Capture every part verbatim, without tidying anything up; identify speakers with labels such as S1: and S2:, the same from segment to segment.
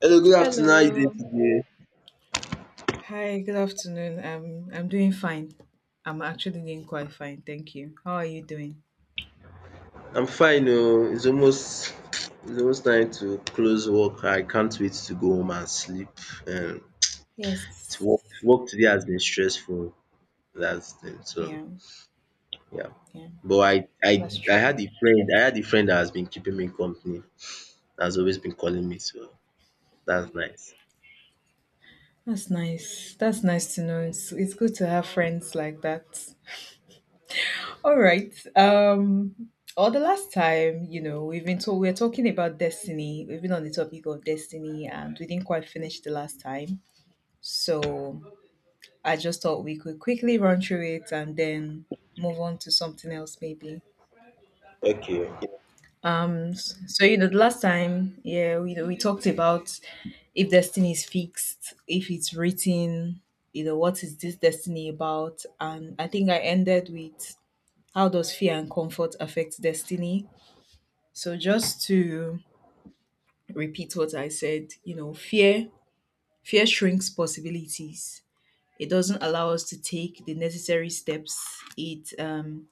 S1: Hello, good afternoon. How you doing
S2: Hello.
S1: today?
S2: Hi, good afternoon. Um, I'm doing fine. I'm actually doing quite fine, thank you. How are you doing?
S1: I'm fine. Oh, it's almost it's almost time to close work. I can't wait to go home and sleep. Um, it's
S2: Yes.
S1: work work today has been stressful. That's it. So
S2: Yeah,
S1: yeah,
S2: yeah,
S1: but I I
S2: That's
S1: I
S2: true.
S1: had a friend. I had a friend that has been keeping me company. Has always been calling me. So that's nice.
S2: that's nice. That's nice to know. It's it's good to have friends like that. All right. Um, or the last time, you know, we've been to- we're talking about destiny. We've been on the topic of destiny, and we didn't quite finish the last time. So I just thought we could quickly run through it and then move on to something else, maybe.
S1: Okay.
S2: Um, s- so you know, the last time, yeah, we we talked about if destiny is fixed, if it's written, you know, what is this destiny about? And I think I ended with how does fear and comfort affect destiny? So just to repeat what I said, you know, fear fear shrinks possibilities. It doesn't allow us to take the necessary steps. It um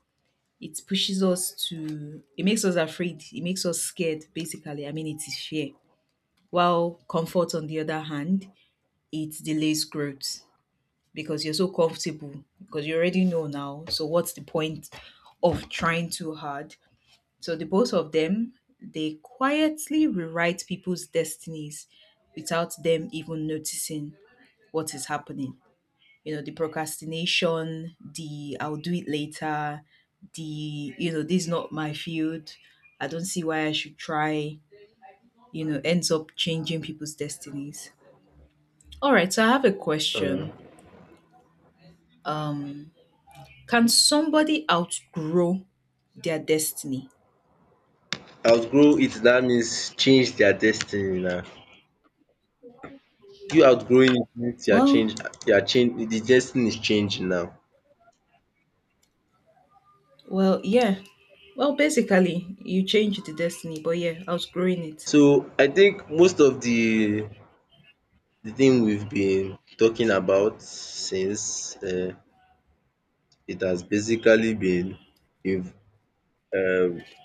S2: It pushes us to it makes us afraid. It makes us scared, basically. I mean, it is fear. While comfort, on the other hand, it delays growth because you're so comfortable, because you already know now. So, what's the point of trying too hard? So, the both of them, they quietly rewrite people's destinies without them even noticing what is happening. You know, the procrastination, the I'll do it later, the you know, this is not my field, I don't see why I should try, you know, ends up changing people's destinies. All right, so I have a question.
S1: Um,
S2: um can somebody outgrow their destiny?
S1: Outgrow it. That means change their destiny now. You outgrowing it means you are
S2: well
S1: change. You are change. The destiny is changing now.
S2: well yeah well, basically you change the destiny, but yeah, outgrowing it.
S1: So I think most of the the thing we've been talking about since um it has basically been in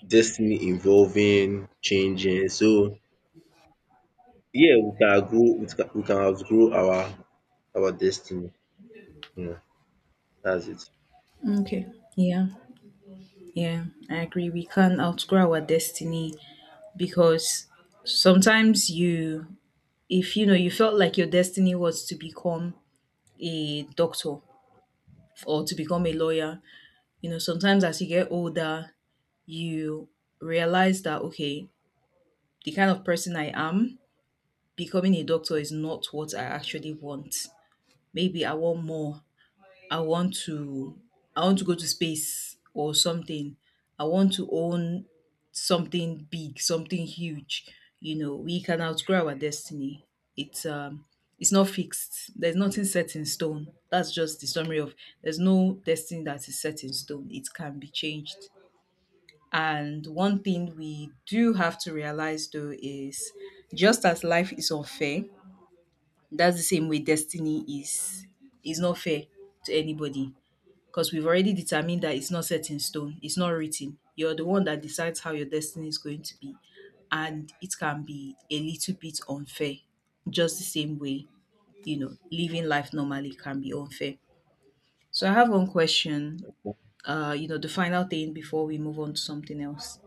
S1: destiny involving changing. So yeah, we can grow. We can we can outgrow our our destiny. Yeah, that's it.
S2: Okay. Yeah. Yeah, I agree, we can outgrow our destiny, because sometimes you, if you know, you felt like your destiny was to become a doctor or to become a lawyer, you know, sometimes as you get older, you realize that okay, the kind of person I am, becoming a doctor is not what I actually want. Maybe I want more. I want to, I want to go to space or something. I want to own something big, something huge. You know, we can outgrow our destiny. It's um it's not fixed. There's nothing set in stone. That's just the summary of there's no destiny that is set in stone. It can be changed. And one thing we do have to realize though is, just as life is unfair, that's the same way destiny is is not fair to anybody, because we've already determined that it's not set in stone, it's not written. You're the one that decides how your destiny is going to be. And it can be a little bit unfair, just the same way, you know, living life normally can be unfair. So I have one question, uh, you know, the final thing before we move on to something else.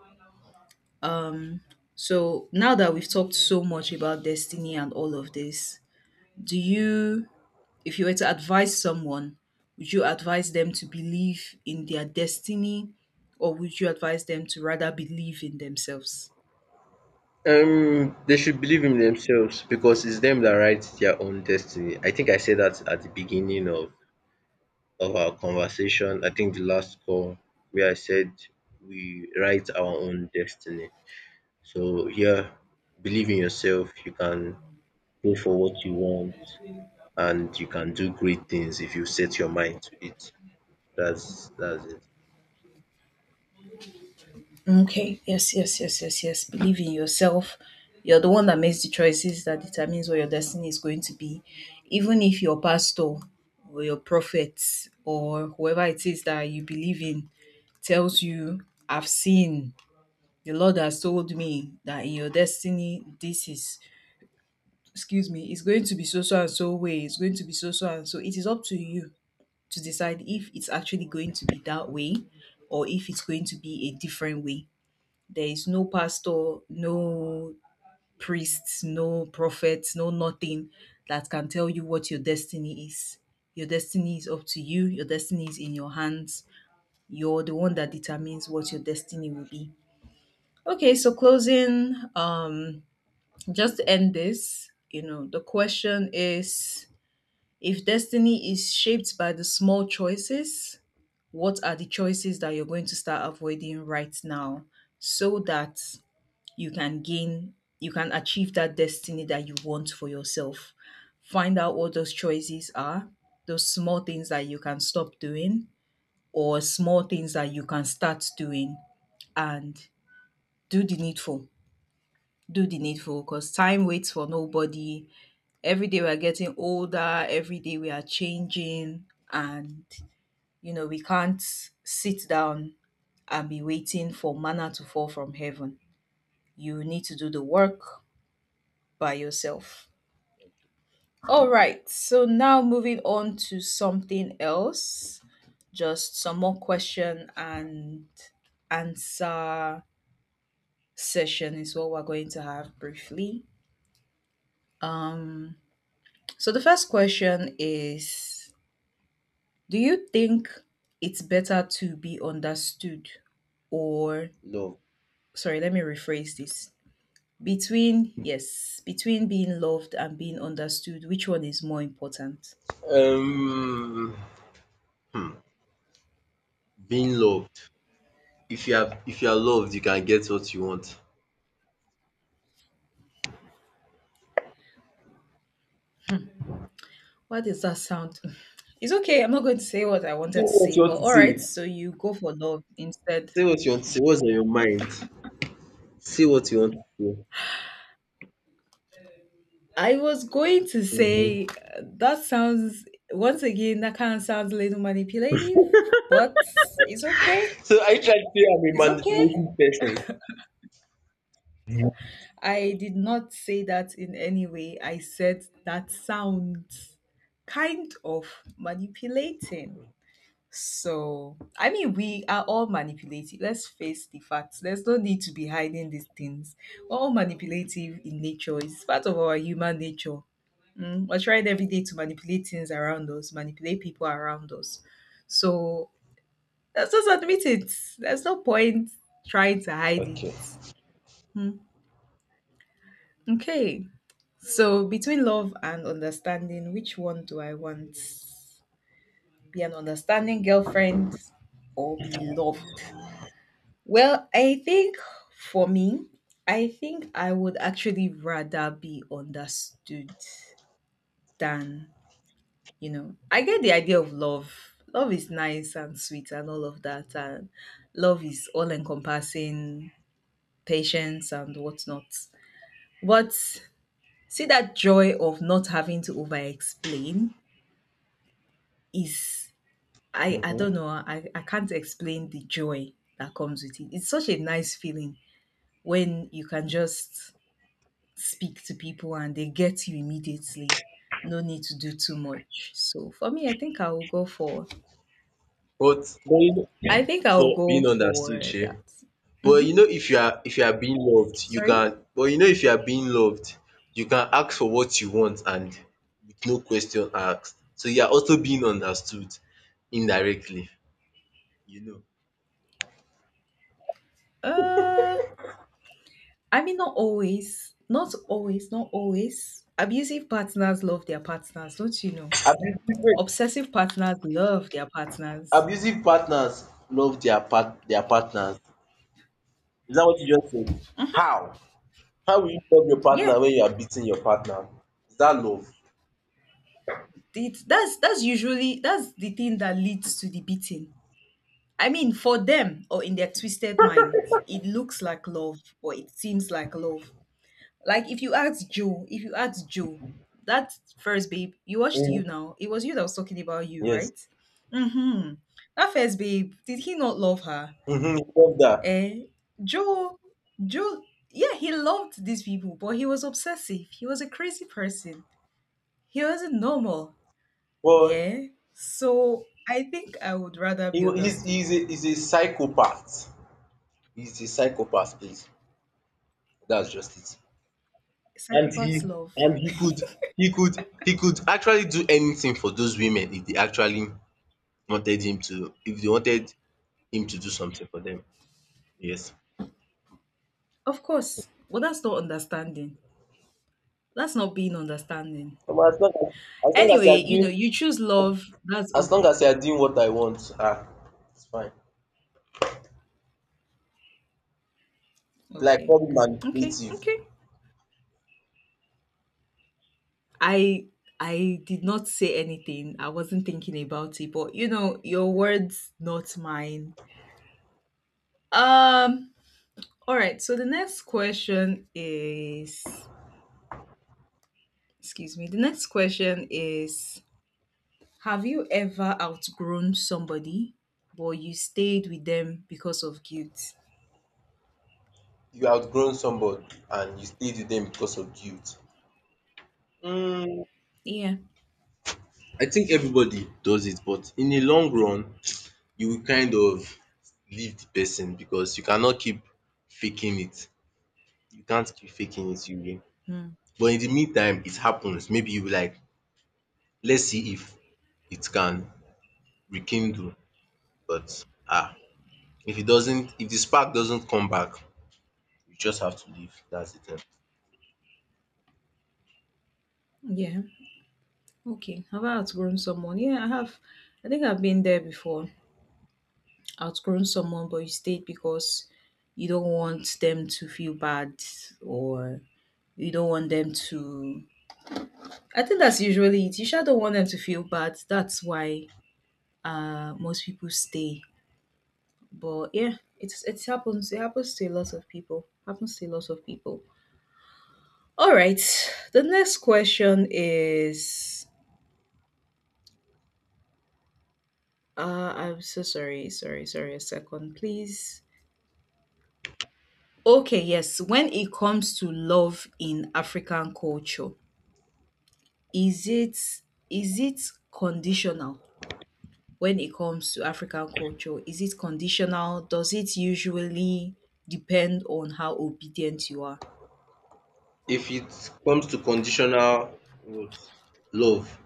S2: So now that we've talked so much about destiny and all of this, do you if you were to advise someone, would you advise them to believe in their destiny, or would you advise them to rather believe in themselves?
S1: Um, they should believe in themselves because it's them that write their own destiny. I think I said that at the beginning of of our conversation. I think the last call where I said we write our own destiny. So here, believe in yourself. You can go for what you want, and you can do great things if you set your mind to it. That's that's it.
S2: Okay, yes, yes, yes, yes, yes. Believe in yourself. You're the one that makes the choices that determines what your destiny is going to be. Even if your pastor or your prophet or whoever it is that you believe in tells you, I've seen, the Lord has told me that in your destiny, this is. Excuse me, it's going to be so so and so way, it's going to be so so and so. It is up to you to decide if it's actually going to be that way or if it's going to be a different way. There is no pastor, no priest, no prophet, no nothing that can tell you what your destiny is. Your destiny is up to you, your destiny is in your hands. You're the one that determines what your destiny will be. Okay, so closing, um, just to end this, you know, the question is, if destiny is shaped by the small choices, what are the choices that you're going to start avoiding right now, so that you can gain, you can achieve that destiny that you want for yourself? Find out what those choices are, those small things that you can stop doing, or small things that you can start doing, and do the needful. Do the needful, because time waits for nobody. Every day we are getting older, every day we are changing, and you know, we can't sit down and be waiting for manna to fall from heaven. You need to do the work by yourself. All right. So now moving on to something else. Just some more question and answer session is what we're going to have briefly. Um so the first question is, do you think it's better to be understood or,
S1: Love.
S2: sorry, let me rephrase this. Between yes, between being loved and being understood, which one is more important?
S1: Um, hmm, Being loved. If you are if you are loved, you can get what you want. Say
S2: Why does that sound? It's okay. I'm not going to say what I wanted to
S1: what
S2: say,
S1: you
S2: but
S1: want to
S2: all right.
S1: say.
S2: So you go for love instead.
S1: Say what you want to say. What's on your mind? Say what you want to say.
S2: I was going to
S1: Mhm.
S2: say uh, that sounds, once again, that kind of sounds a little manipulative, but it's okay.
S1: So I try to say I'm
S2: It's
S1: a
S2: okay.
S1: manipulation person?
S2: I did not say that in any way. I said that sounds kind of manipulating. So, I mean, we are all manipulative. Let's face the facts. There's no need to be hiding these things. We're all manipulative in nature. It's part of our human nature. Mm, We're trying every day to manipulate things around us, manipulate people around us. So, let's just admit it. There's no point trying to hide
S1: Okay.
S2: it. Mm, Okay. So, between love and understanding, which one do I want? Be an understanding girlfriend or be loved? Well, I think for me, I think I would actually rather be understood than, you know, I get the idea of love. Love is nice and sweet and all of that. And love is all encompassing, patience and whatnot. But see, that joy of not having to over explain is, I, I don't
S1: Mhm.
S2: know, I, I can't explain the joy that comes with it. It's such a nice feeling when you can just speak to people and they get you immediately. No need to do too much. So for me, I think I will go for,
S1: But going
S2: I think I will
S1: for
S2: go
S1: being
S2: for
S1: understood, shey.
S2: that.
S1: But
S2: Hmm.
S1: you know if you are if you are being loved, you
S2: Sorry.
S1: can but you know if you are being loved, you can ask for what you want and with no question asked. So you are also being understood indirectly, you know.
S2: Uh I mean not always. Not always, not always. Abusive partners love their partners, don't you know?
S1: Abusive
S2: Obsessive partners love their partners.
S1: abusive partners love their part their partners. Is that what you just said? How? How will you love your
S2: Yeah.
S1: partner when you are beating your partner? Is that love?
S2: It, that's that's usually that's the thing that leads to the beating. I mean, for them, or in their twisted minds, it looks like love or it seems like love. Like if you ask Joe, if you ask Joe, that first babe, you watched you
S1: Mm.
S2: now. It was you that was talking about you,
S1: Yes.
S2: right? Mm-hmm. That first babe, did he not love her?
S1: Hmm. Love that.
S2: Eh? Joe, Joe, yeah, he loved these people, but he was obsessive. He was a crazy person. He wasn't normal.
S1: Well,
S2: Yeah. So I think I would rather
S1: he,
S2: be
S1: wa- he's he's
S2: understood.
S1: a he's a psychopath. He's a psychopath, please. That's just it. And
S2: Psychopaths
S1: he
S2: love.
S1: and he could he could he could actually do anything for those women if they actually wanted him to if they wanted him to do something for them. Yes.
S2: Of course. Well, that's not understanding. That's not being understanding.
S1: Omo, as long as as long as you
S2: Anyway,
S1: are
S2: you know,
S1: doing
S2: you choose love. That's
S1: as long as
S2: okay.
S1: you are doing what I want, ah, it's fine. Like
S2: Okay.
S1: probably
S2: Okay.
S1: manipulative.
S2: Okay. I I did not say anything. I wasn't thinking about it, but you know, your words not mine. Um all right. So the next question is, excuse me. The next question is, have you ever outgrown somebody but you stayed with them because of guilt?
S1: You outgrown somebody and you stayed with them because of guilt. Mm,
S2: Yeah.
S1: I think everybody does it, but in the long run, you will kind of leave the person because you cannot keep faking it. You can't keep faking it, you will.
S2: Hmm.
S1: But in the meantime, it happens. Maybe you be like, let's see if it can rekindle. But ah, if it doesn't, if the spark doesn't come back, you just have to leave. That's the thing.
S2: Yeah. Okay. Have I outgrown someone? Yeah, I have. I think I've been there before. Outgrown someone, but you stayed because you don't want them to feel bad or you don't want them to. I think that's usually it. You sure don't want them to feel bad. That's why uh most people stay. But yeah, it's it happens. It happens to a lot of people. Happens to a lot of people. All right. The next question is, Uh, I'm so sorry, sorry, sorry. A second, please. Okay, yes. When it comes to love in African culture, is it is it conditional? When it comes to African culture, is it conditional? Does it usually depend on how obedient you are?
S1: If it comes to conditional what, love,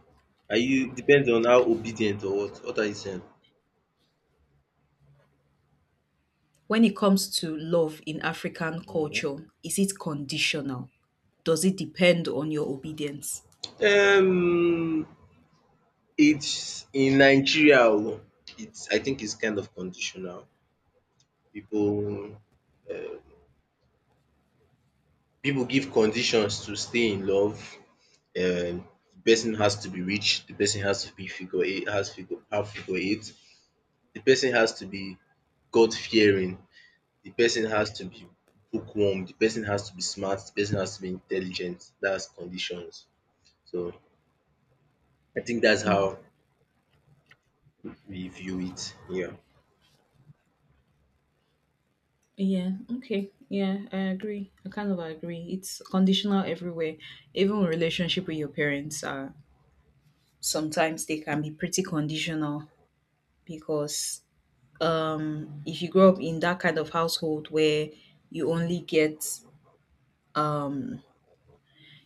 S1: are you depends on how obedient or what? What are you saying?
S2: When it comes to love in African
S1: Mhm.
S2: culture, is it conditional? Does it depend on your obedience?
S1: Um, it's in Nigeria oh, it's I think it's kind of conditional. People, um pipu give conditions to stay in love. um The person has to be rich, the person has to be figure eight has figure have figure eight, the person has to be God fearing, the person has to be bookworm, the person has to be smart, the person has to be intelligent. That's conditions. So I think that's how we view it here.
S2: Yeah, okay. Yeah, I agree. I kind of agree. It's conditional everywhere. Even relationship with your parents are sometimes, they can be pretty conditional, because um if you grow up in that kind of household where you only get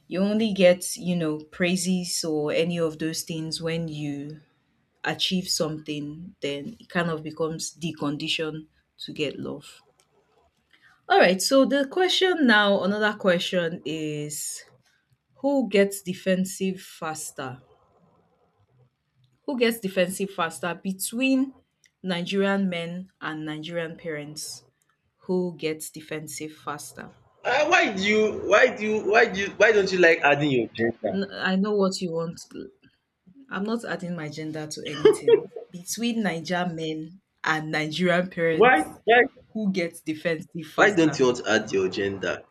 S2: you only get, you know, praises or any of those things when you achieve something, then it kind of becomes the condition to get love. All right, so the question now, another question is, who gets defensive faster? Who gets defensive faster between Nigerian men and Nigerian parents? Who gets defensive faster?
S1: Ah, why do you why do you why do you why don't you like adding your gender?
S2: N- I know what you want. I'm not adding my gender to anything. Between Nigerian men and Nigerian
S1: Why
S2: parents,
S1: why
S2: who gets defensive
S1: why don't
S2: faster?
S1: you want to add your gender?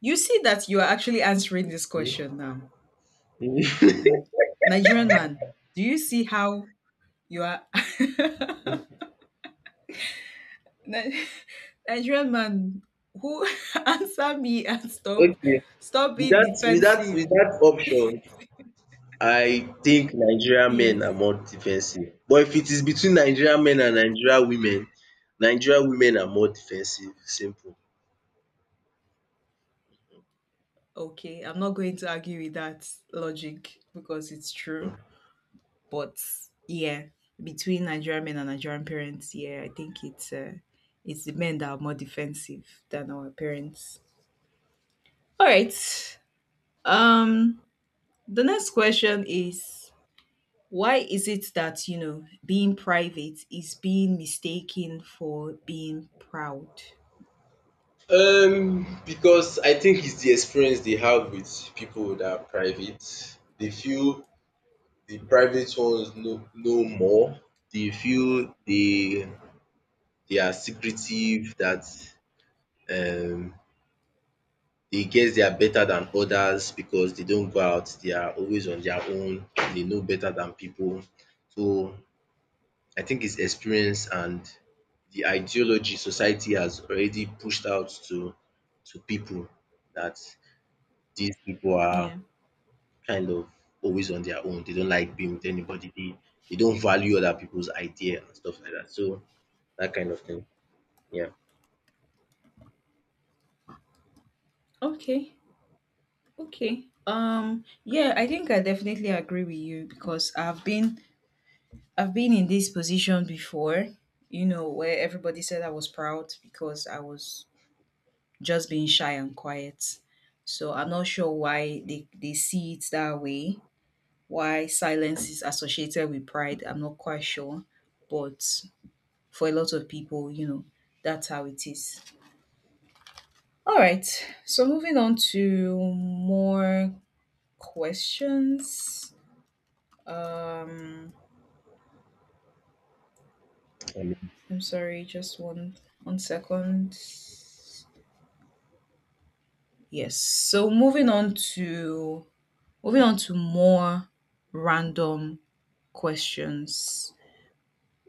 S2: You see that you are actually answering this
S1: Hmm?
S2: question now. Mm. Nigerian man, do you see how you are? Nigerian man who answer me and stop
S1: Okay.
S2: stop
S1: With
S2: being
S1: that with that with
S2: defensive.
S1: that option, I think Nigerian men
S2: Yes.
S1: are more defensive. But if it is between Nigerian men and Nigerian women, Nigerian women are more defensive. Simple.
S2: Okay, I'm not going to argue with that logic because it's true.
S1: Hmm.
S2: But yeah, between Nigerian men and Nigerian parents, yeah, I think it's uh, it's the men that are more defensive than our parents. All right. Um the next question is why is it that, you know, being private is being mistaken for being proud?
S1: Um, because I think it's the experience they have with people that are private. They feel the private ones know know more. They feel they they are secretive, that um they guess they are better than others because they don't go out. They are always on their own. They know better than people. So I think it's experience and the ideology society has already pushed out to to people that these people are
S2: Yeah.
S1: kind of always on their own. They don't like being with anybody. They they don't value other people's idea and stuff like that. So that kind of thing. Yeah.
S2: Okay. Okay. Um yeah, I think I definitely agree with you because I've been I've been in this position before, you know, where everybody said I was proud because I was just being shy and quiet. So I'm not sure why they, they see it that way, why silence is associated with pride. I'm not quite sure. But for a lot of people, you know, that's how it is. All right. So moving on to more questions. Um,
S1: And
S2: I'm sorry, just one one second. Yes. So moving on to moving on to more random questions.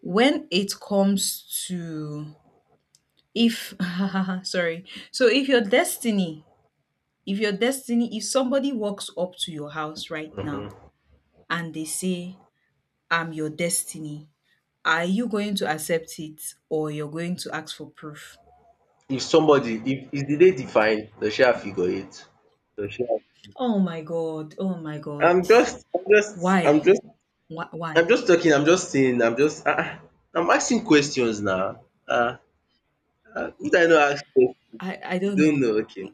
S2: When it comes to if sorry, so if your destiny, if your destiny, if somebody walks up to your house right now and they say, "I'm your destiny," are you going to accept it or you're going to ask for proof?
S1: if somebody if is the day defined, does share figure eight? Does she
S2: Oh my god. Oh my
S1: I'm
S2: god.
S1: just I'm just I'm
S2: Why?
S1: just
S2: Why? Why?
S1: I'm just talking, I'm just saying, I'm just ah ah I'm asking questions now. Ah ah would I not ask question?
S2: I I
S1: You
S2: don't
S1: don't
S2: know.
S1: know, okay.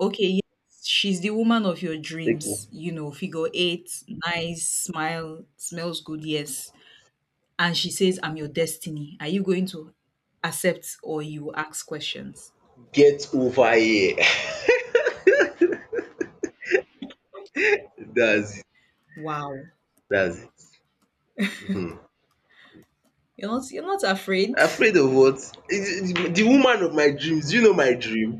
S2: Okay, yes, she's the woman of your
S1: Okay.
S2: dreams. You know, figure eight, nice, smile, smells good. Yes, and she says, "I'm your destiny." Are you going to accept or you ask questions?
S1: Get over here. That's it.
S2: Wow,
S1: That's it. Mhm.
S2: you're not you're not afraid.
S1: Afraid of what? Is- is- The woman of my dreams. Do you know my dream?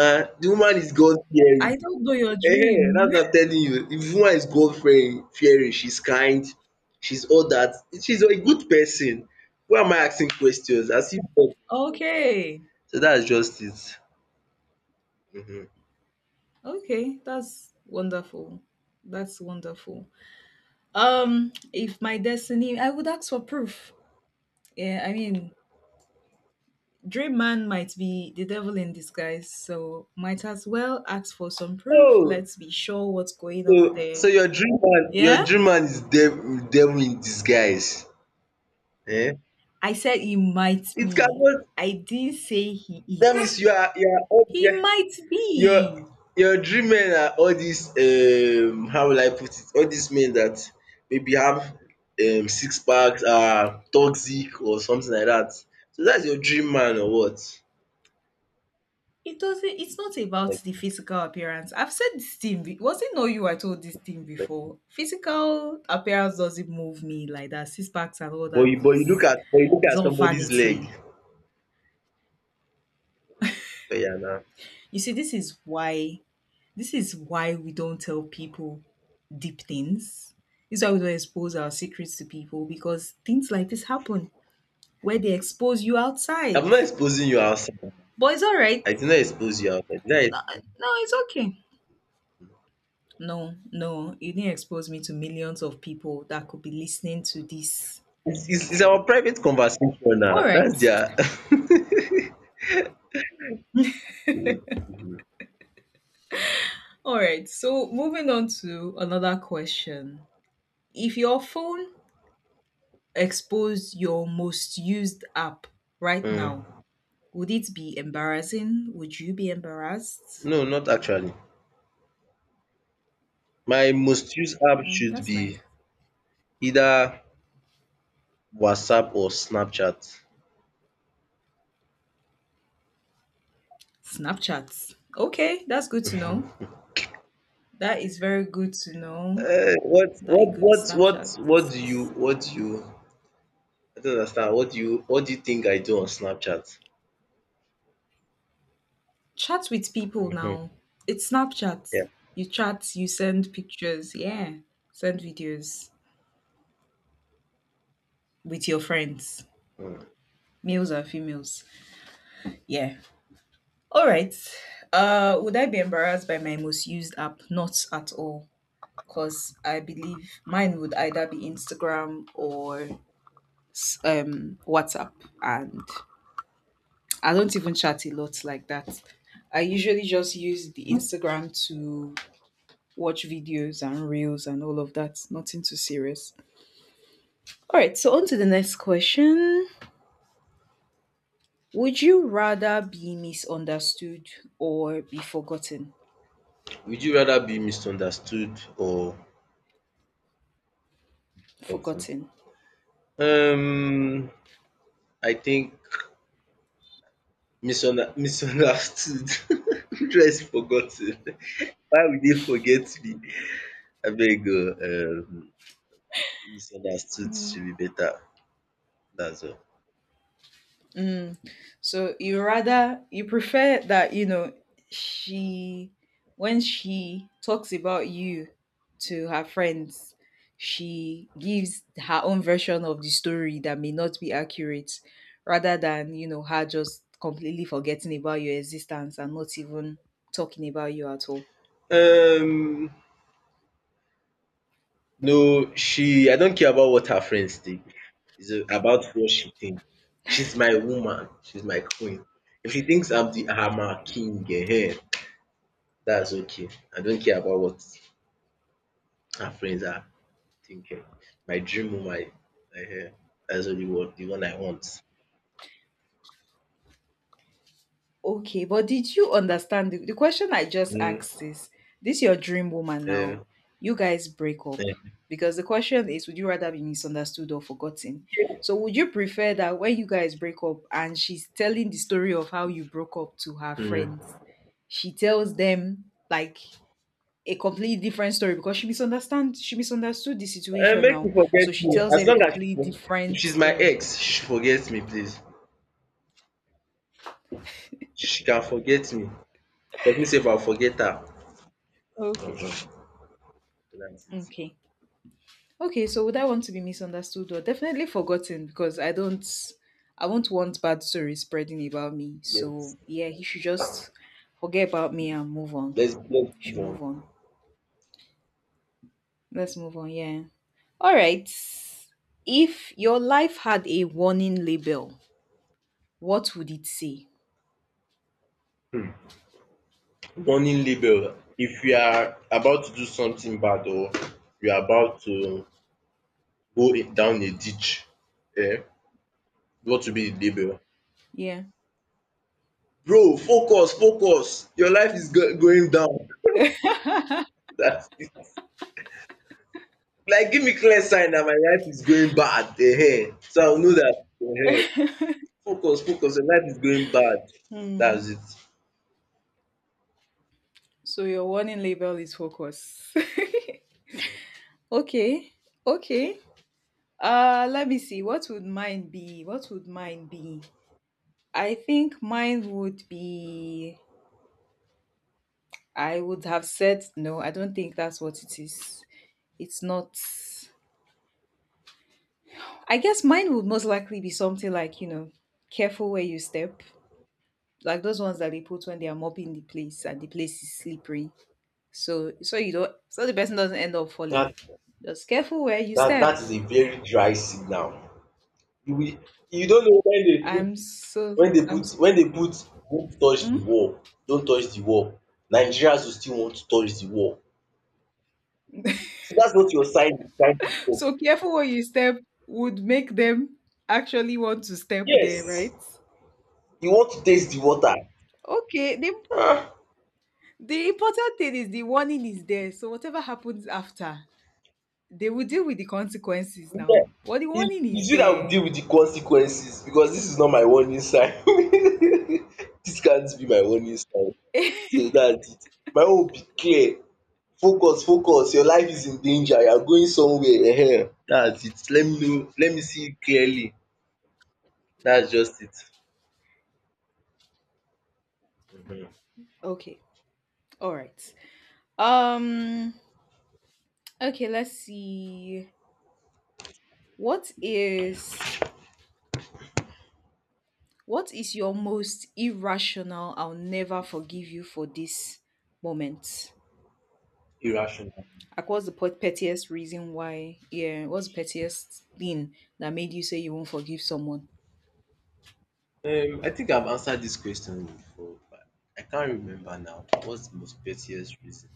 S1: um The woman is God fearing.
S2: I don't know your
S1: Ehen,
S2: dream.
S1: that's what I'm telling you. The woman is God fearing fearing. She's kind, she's all that. She's a good person. Why am I asking questions? As if
S2: Okay.
S1: so that's just it. Mhm.
S2: Okay. That's wonderful. That's wonderful. Um, if my destiny, I would ask for proof. Yeah, I mean, Dream Man might be the devil in disguise, so might as well ask for some proof.
S1: Oh,
S2: Let's be sure what's going
S1: so
S2: on there.
S1: so your dream man your
S2: Yeah?
S1: dream man is dev devil in disguise. um
S2: I said he might
S1: It
S2: be.
S1: cannot
S2: I didn't say he
S1: that
S2: is.
S1: means you are you are up
S2: He
S1: there.
S2: might
S1: Your
S2: be.
S1: your dream men are all these um how will I put it, all these men that maybe have um six packs, are toxic or something like that. So that's your dream man or what?
S2: It doesn't it's not about
S1: like
S2: the physical appearance. I've said this thing be- was it not you I told this thing
S1: like
S2: before? Physical appearance doesn't move me like that. Six packs and all
S1: But
S2: that
S1: you but you look
S2: is
S1: at but you look
S2: is
S1: at
S2: all
S1: somebody's leg.
S2: vanity.
S1: But yeah now
S2: You see, this is why this is why we don't tell people deep things. This is why we don't expose our secrets to people because things like this happen where they expose you
S1: I'm
S2: outside.
S1: not exposing you outside.
S2: But it's all right.
S1: I did not expose you outside. Did I
S2: No,
S1: expose?
S2: no, it's okay. No, no, you didn't expose me to millions of people that could be listening to this
S1: It's it's it's
S2: call.
S1: our private conversation
S2: All
S1: now that's
S2: right.
S1: their um
S2: All right. So moving on to another question. If your phone exposed your most used app right now, would it be embarrassing? Would you be embarrassed?
S1: no not actually. My most used app
S2: Mm,
S1: should
S2: that's nice.
S1: be either WhatsApp or Snapchat.
S2: Snapchat. Okay, that's good to know. That is very good to know
S1: Eh, what
S2: that
S1: what
S2: it could be
S1: what
S2: Snapchat.
S1: what what do you what do you I don't understand. What do you what do you think I do on Snapchat?
S2: Chat with people now.
S1: Mhm.
S2: It's Snapchat.
S1: Yeah.
S2: You chat, you send pictures, yeah. Send videos with your friends,
S1: Mm.
S2: males and females. Yeah. All right. Uh, would I be embarrassed by my most used app? Not at all. Because I believe mine would either be Instagram or s- um, WhatsApp, and I don't even chat a lot like that. I usually just use the Instagram to watch videos and reels and all of that. Nothing too serious. All right, so on to the next question. Would you rather be misunderstood or be forgotten?
S1: Would you rather be misunderstood or something?
S2: Forgotten.
S1: Um, I think misunder- misunderstood. Just forgotten. Why would they forget me? I beg go. Um, misunderstood should
S2: Hmm.
S1: be better. That's all.
S2: Mm. So you rather you prefer that you know she when she talks about you to her friends, she gives her own version of the story that may not be accurate, rather than you know her just completely forgetting about your existence and not even talking about you at all.
S1: Um, No, she I don't care about what her friends think. It's about what she thinks. She's my woman. She's my queen. If she thinks I'm the I'm her king, eh, that's okay. I don't care about what her friends are thinking. My dream woman, eh, eh, that's only what the one I want.
S2: Okay, but did you understand the, the question I just
S1: Mm,
S2: asked is this your dream woman
S1: eh,
S2: now? You guys break up.
S1: eh.
S2: Because the question is would you rather be misunderstood or forgotten? So would you prefer that when you guys break up and she's telling the story of how you broke up to her friends,
S1: Mm.
S2: she tells them like a completely different story because she misunderstand she misunderstood the
S1: Eh,
S2: situation
S1: make
S2: now.
S1: you forget
S2: So she
S1: me.
S2: tells
S1: As
S2: them a
S1: long as she
S2: completely
S1: for- if
S2: different
S1: she's my
S2: story.
S1: ex, she should forget me, please. She can forget me. But me sef, I forget her.
S2: Okay.
S1: Uh-huh. That's it.
S2: Okay. Okay, so would I want to be misunderstood or definitely forgotten? Because I don't, I won't want bad stories spreading about me.
S1: Yes.
S2: So yeah, he should just forget about me and move on.
S1: Let's let's move
S2: Should
S1: on.
S2: move on. Let's move on. Yeah. All right. If your life had a warning label, what would it say?
S1: Warning label. If you are about to do something bad or you are about to go i- down a ditch, eh, what will be the label?
S2: Yeah.
S1: Bro, focus, focus. Your life is go- going down. That's it. Like, give me clear sign that my life is going bad. Eh, eh. So I'll know that. Eh, eh. Focus, focus. Your life is going bad.
S2: Hmm.
S1: That's it.
S2: So your warning label is focus. Okay. Okay. Uh, let me see. What would mine be? What would mine be? I think mine would be I would have said no, I don't think that's what it is. It's not I guess mine would most likely be something like, you know, careful where you step. Like those ones that they put when they are mopping the place and the place is slippery. So so you don't so the person doesn't end up falling.
S1: That
S2: Just careful where you
S1: that that
S2: step.
S1: is a very dry signal. You will you don't know when they put
S2: I'm so
S1: when they
S2: I'm
S1: put
S2: s-
S1: when they put don't touch the
S2: Mm?
S1: wall, don't touch the wall, Nigerians will still want to touch the wall. So that's what your sign is trying to talk.
S2: So careful where you step would make them actually want to step there,
S1: Yes,
S2: right?
S1: you want to taste the water.
S2: Okay, they The important thing is the warning is there. So whatever happens after, they will deal with the consequences
S1: Yeah.
S2: now. But the
S1: It
S2: warning is
S1: is you that will
S2: there.
S1: deal with the consequences because this is not my warning sign. This can't be my warning sign. So that's it. My own will be clear. Focus, focus. Your life is in danger. You are going somewhere. Ehen. That's it. Let me know. Let me see it clearly. That's just it.
S2: Okay. All right. Um okay, let's see. What is what is your most irrational I'll never forgive you for this moment?
S1: Irrational.
S2: Like what's the pet- pettiest reason why? Yeah, what's the pettiest thing that made you say you won't forgive someone?
S1: Um, I think I've answered this question before, but I can't remember now. What's the most pettiest reason?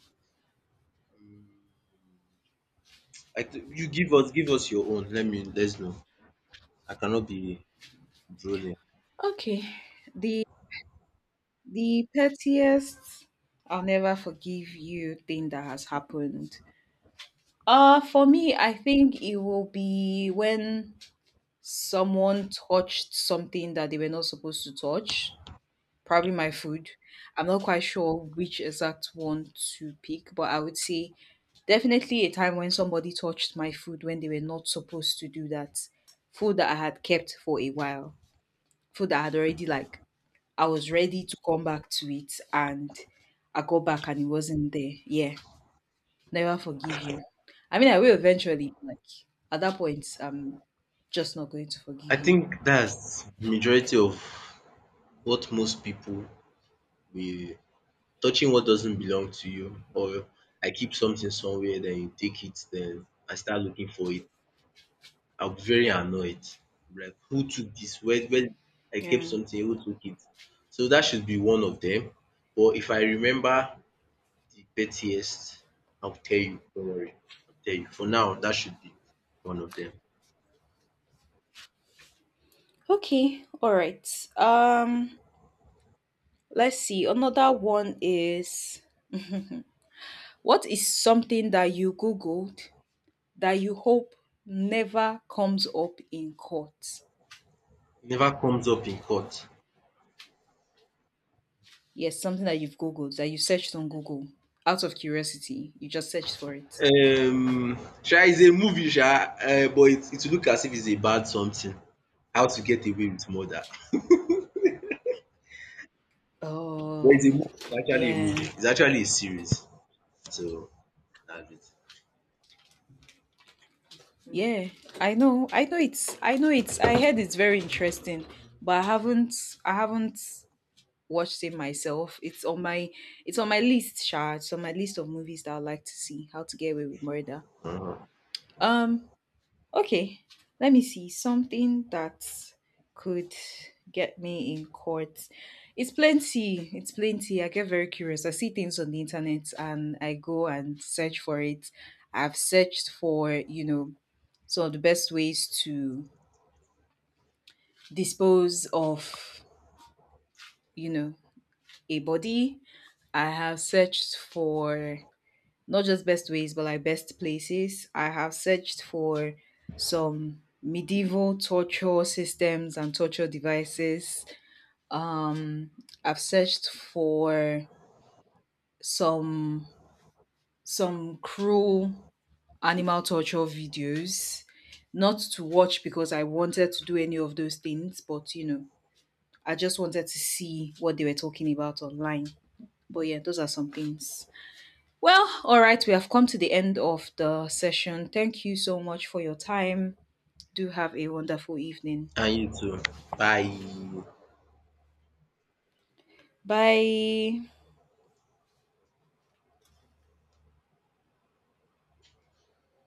S1: I th- you give us, give us your own. Let me, let's know. I cannot be drooling.
S2: Okay. The The pettiest I'll never forgive you thing that has happened. Uh for me, I think it will be when someone touched something that they were not supposed to touch. Probably my food. I'm not quite sure which exact one to pick, but I would say definitely a time when somebody touched my food when they were not supposed to do that. Food that I had kept for a while. Food that I had already like I was ready to come back to it and I got back and it wasn't there. Yeah. Never forgive you. I mean I will eventually, like at that point, I'm just not going to
S1: I
S2: forgive you.
S1: think that's majority of what most people be touching what doesn't belong to you, or I keep something somewhere, then you take it, then I start looking for it. I was very annoyed. Like who took this? Where where I kept
S2: Yeah.
S1: something, who took it? So that should be one of them. But if I remember the pettiest, I'll tell you. Don't worry. I'll tell you. For now, that should be one of them.
S2: Okay. All right. Um let's see. Another one is what is something that you googled that you hope never comes up in court?
S1: Never comes up in court.
S2: Yes, something that you've googled that you searched on Google out of curiosity. You just searched for it.
S1: Um sha is a movie sha. Uh, but it it will look as if it's a bad something. How to get away with murder. But it's
S2: Oh,
S1: a movie. It's actually a movie.
S2: yeah.
S1: It's actually a series. So that's it.
S2: Yeah. I know. I know it's I know it's I heard it's very interesting, but I haven't I haven't watched it myself. It's on my it's on my list, Sha. It's on my list of movies that I'd like to see. How to get away with murder. Um. Okay, let me see something that could get me in court. It's plenty. It's plenty. I get very curious. I see things on the internet and I go and search for it. I've searched for, you know, some of the best ways to dispose of, you know, a body. I have searched for not just best ways, but like best places. I have searched for some medieval torture systems and torture devices. Um, I've searched for some some cruel animal torture videos, not to watch because I wanted to do any of those things, but you know, I just wanted to see what they were talking about online. But yeah, those are some things. Well, all right, we have come to the end of the session. Thank you so much for your time. Do have a wonderful evening.
S1: And you too. Bye.
S2: Bye.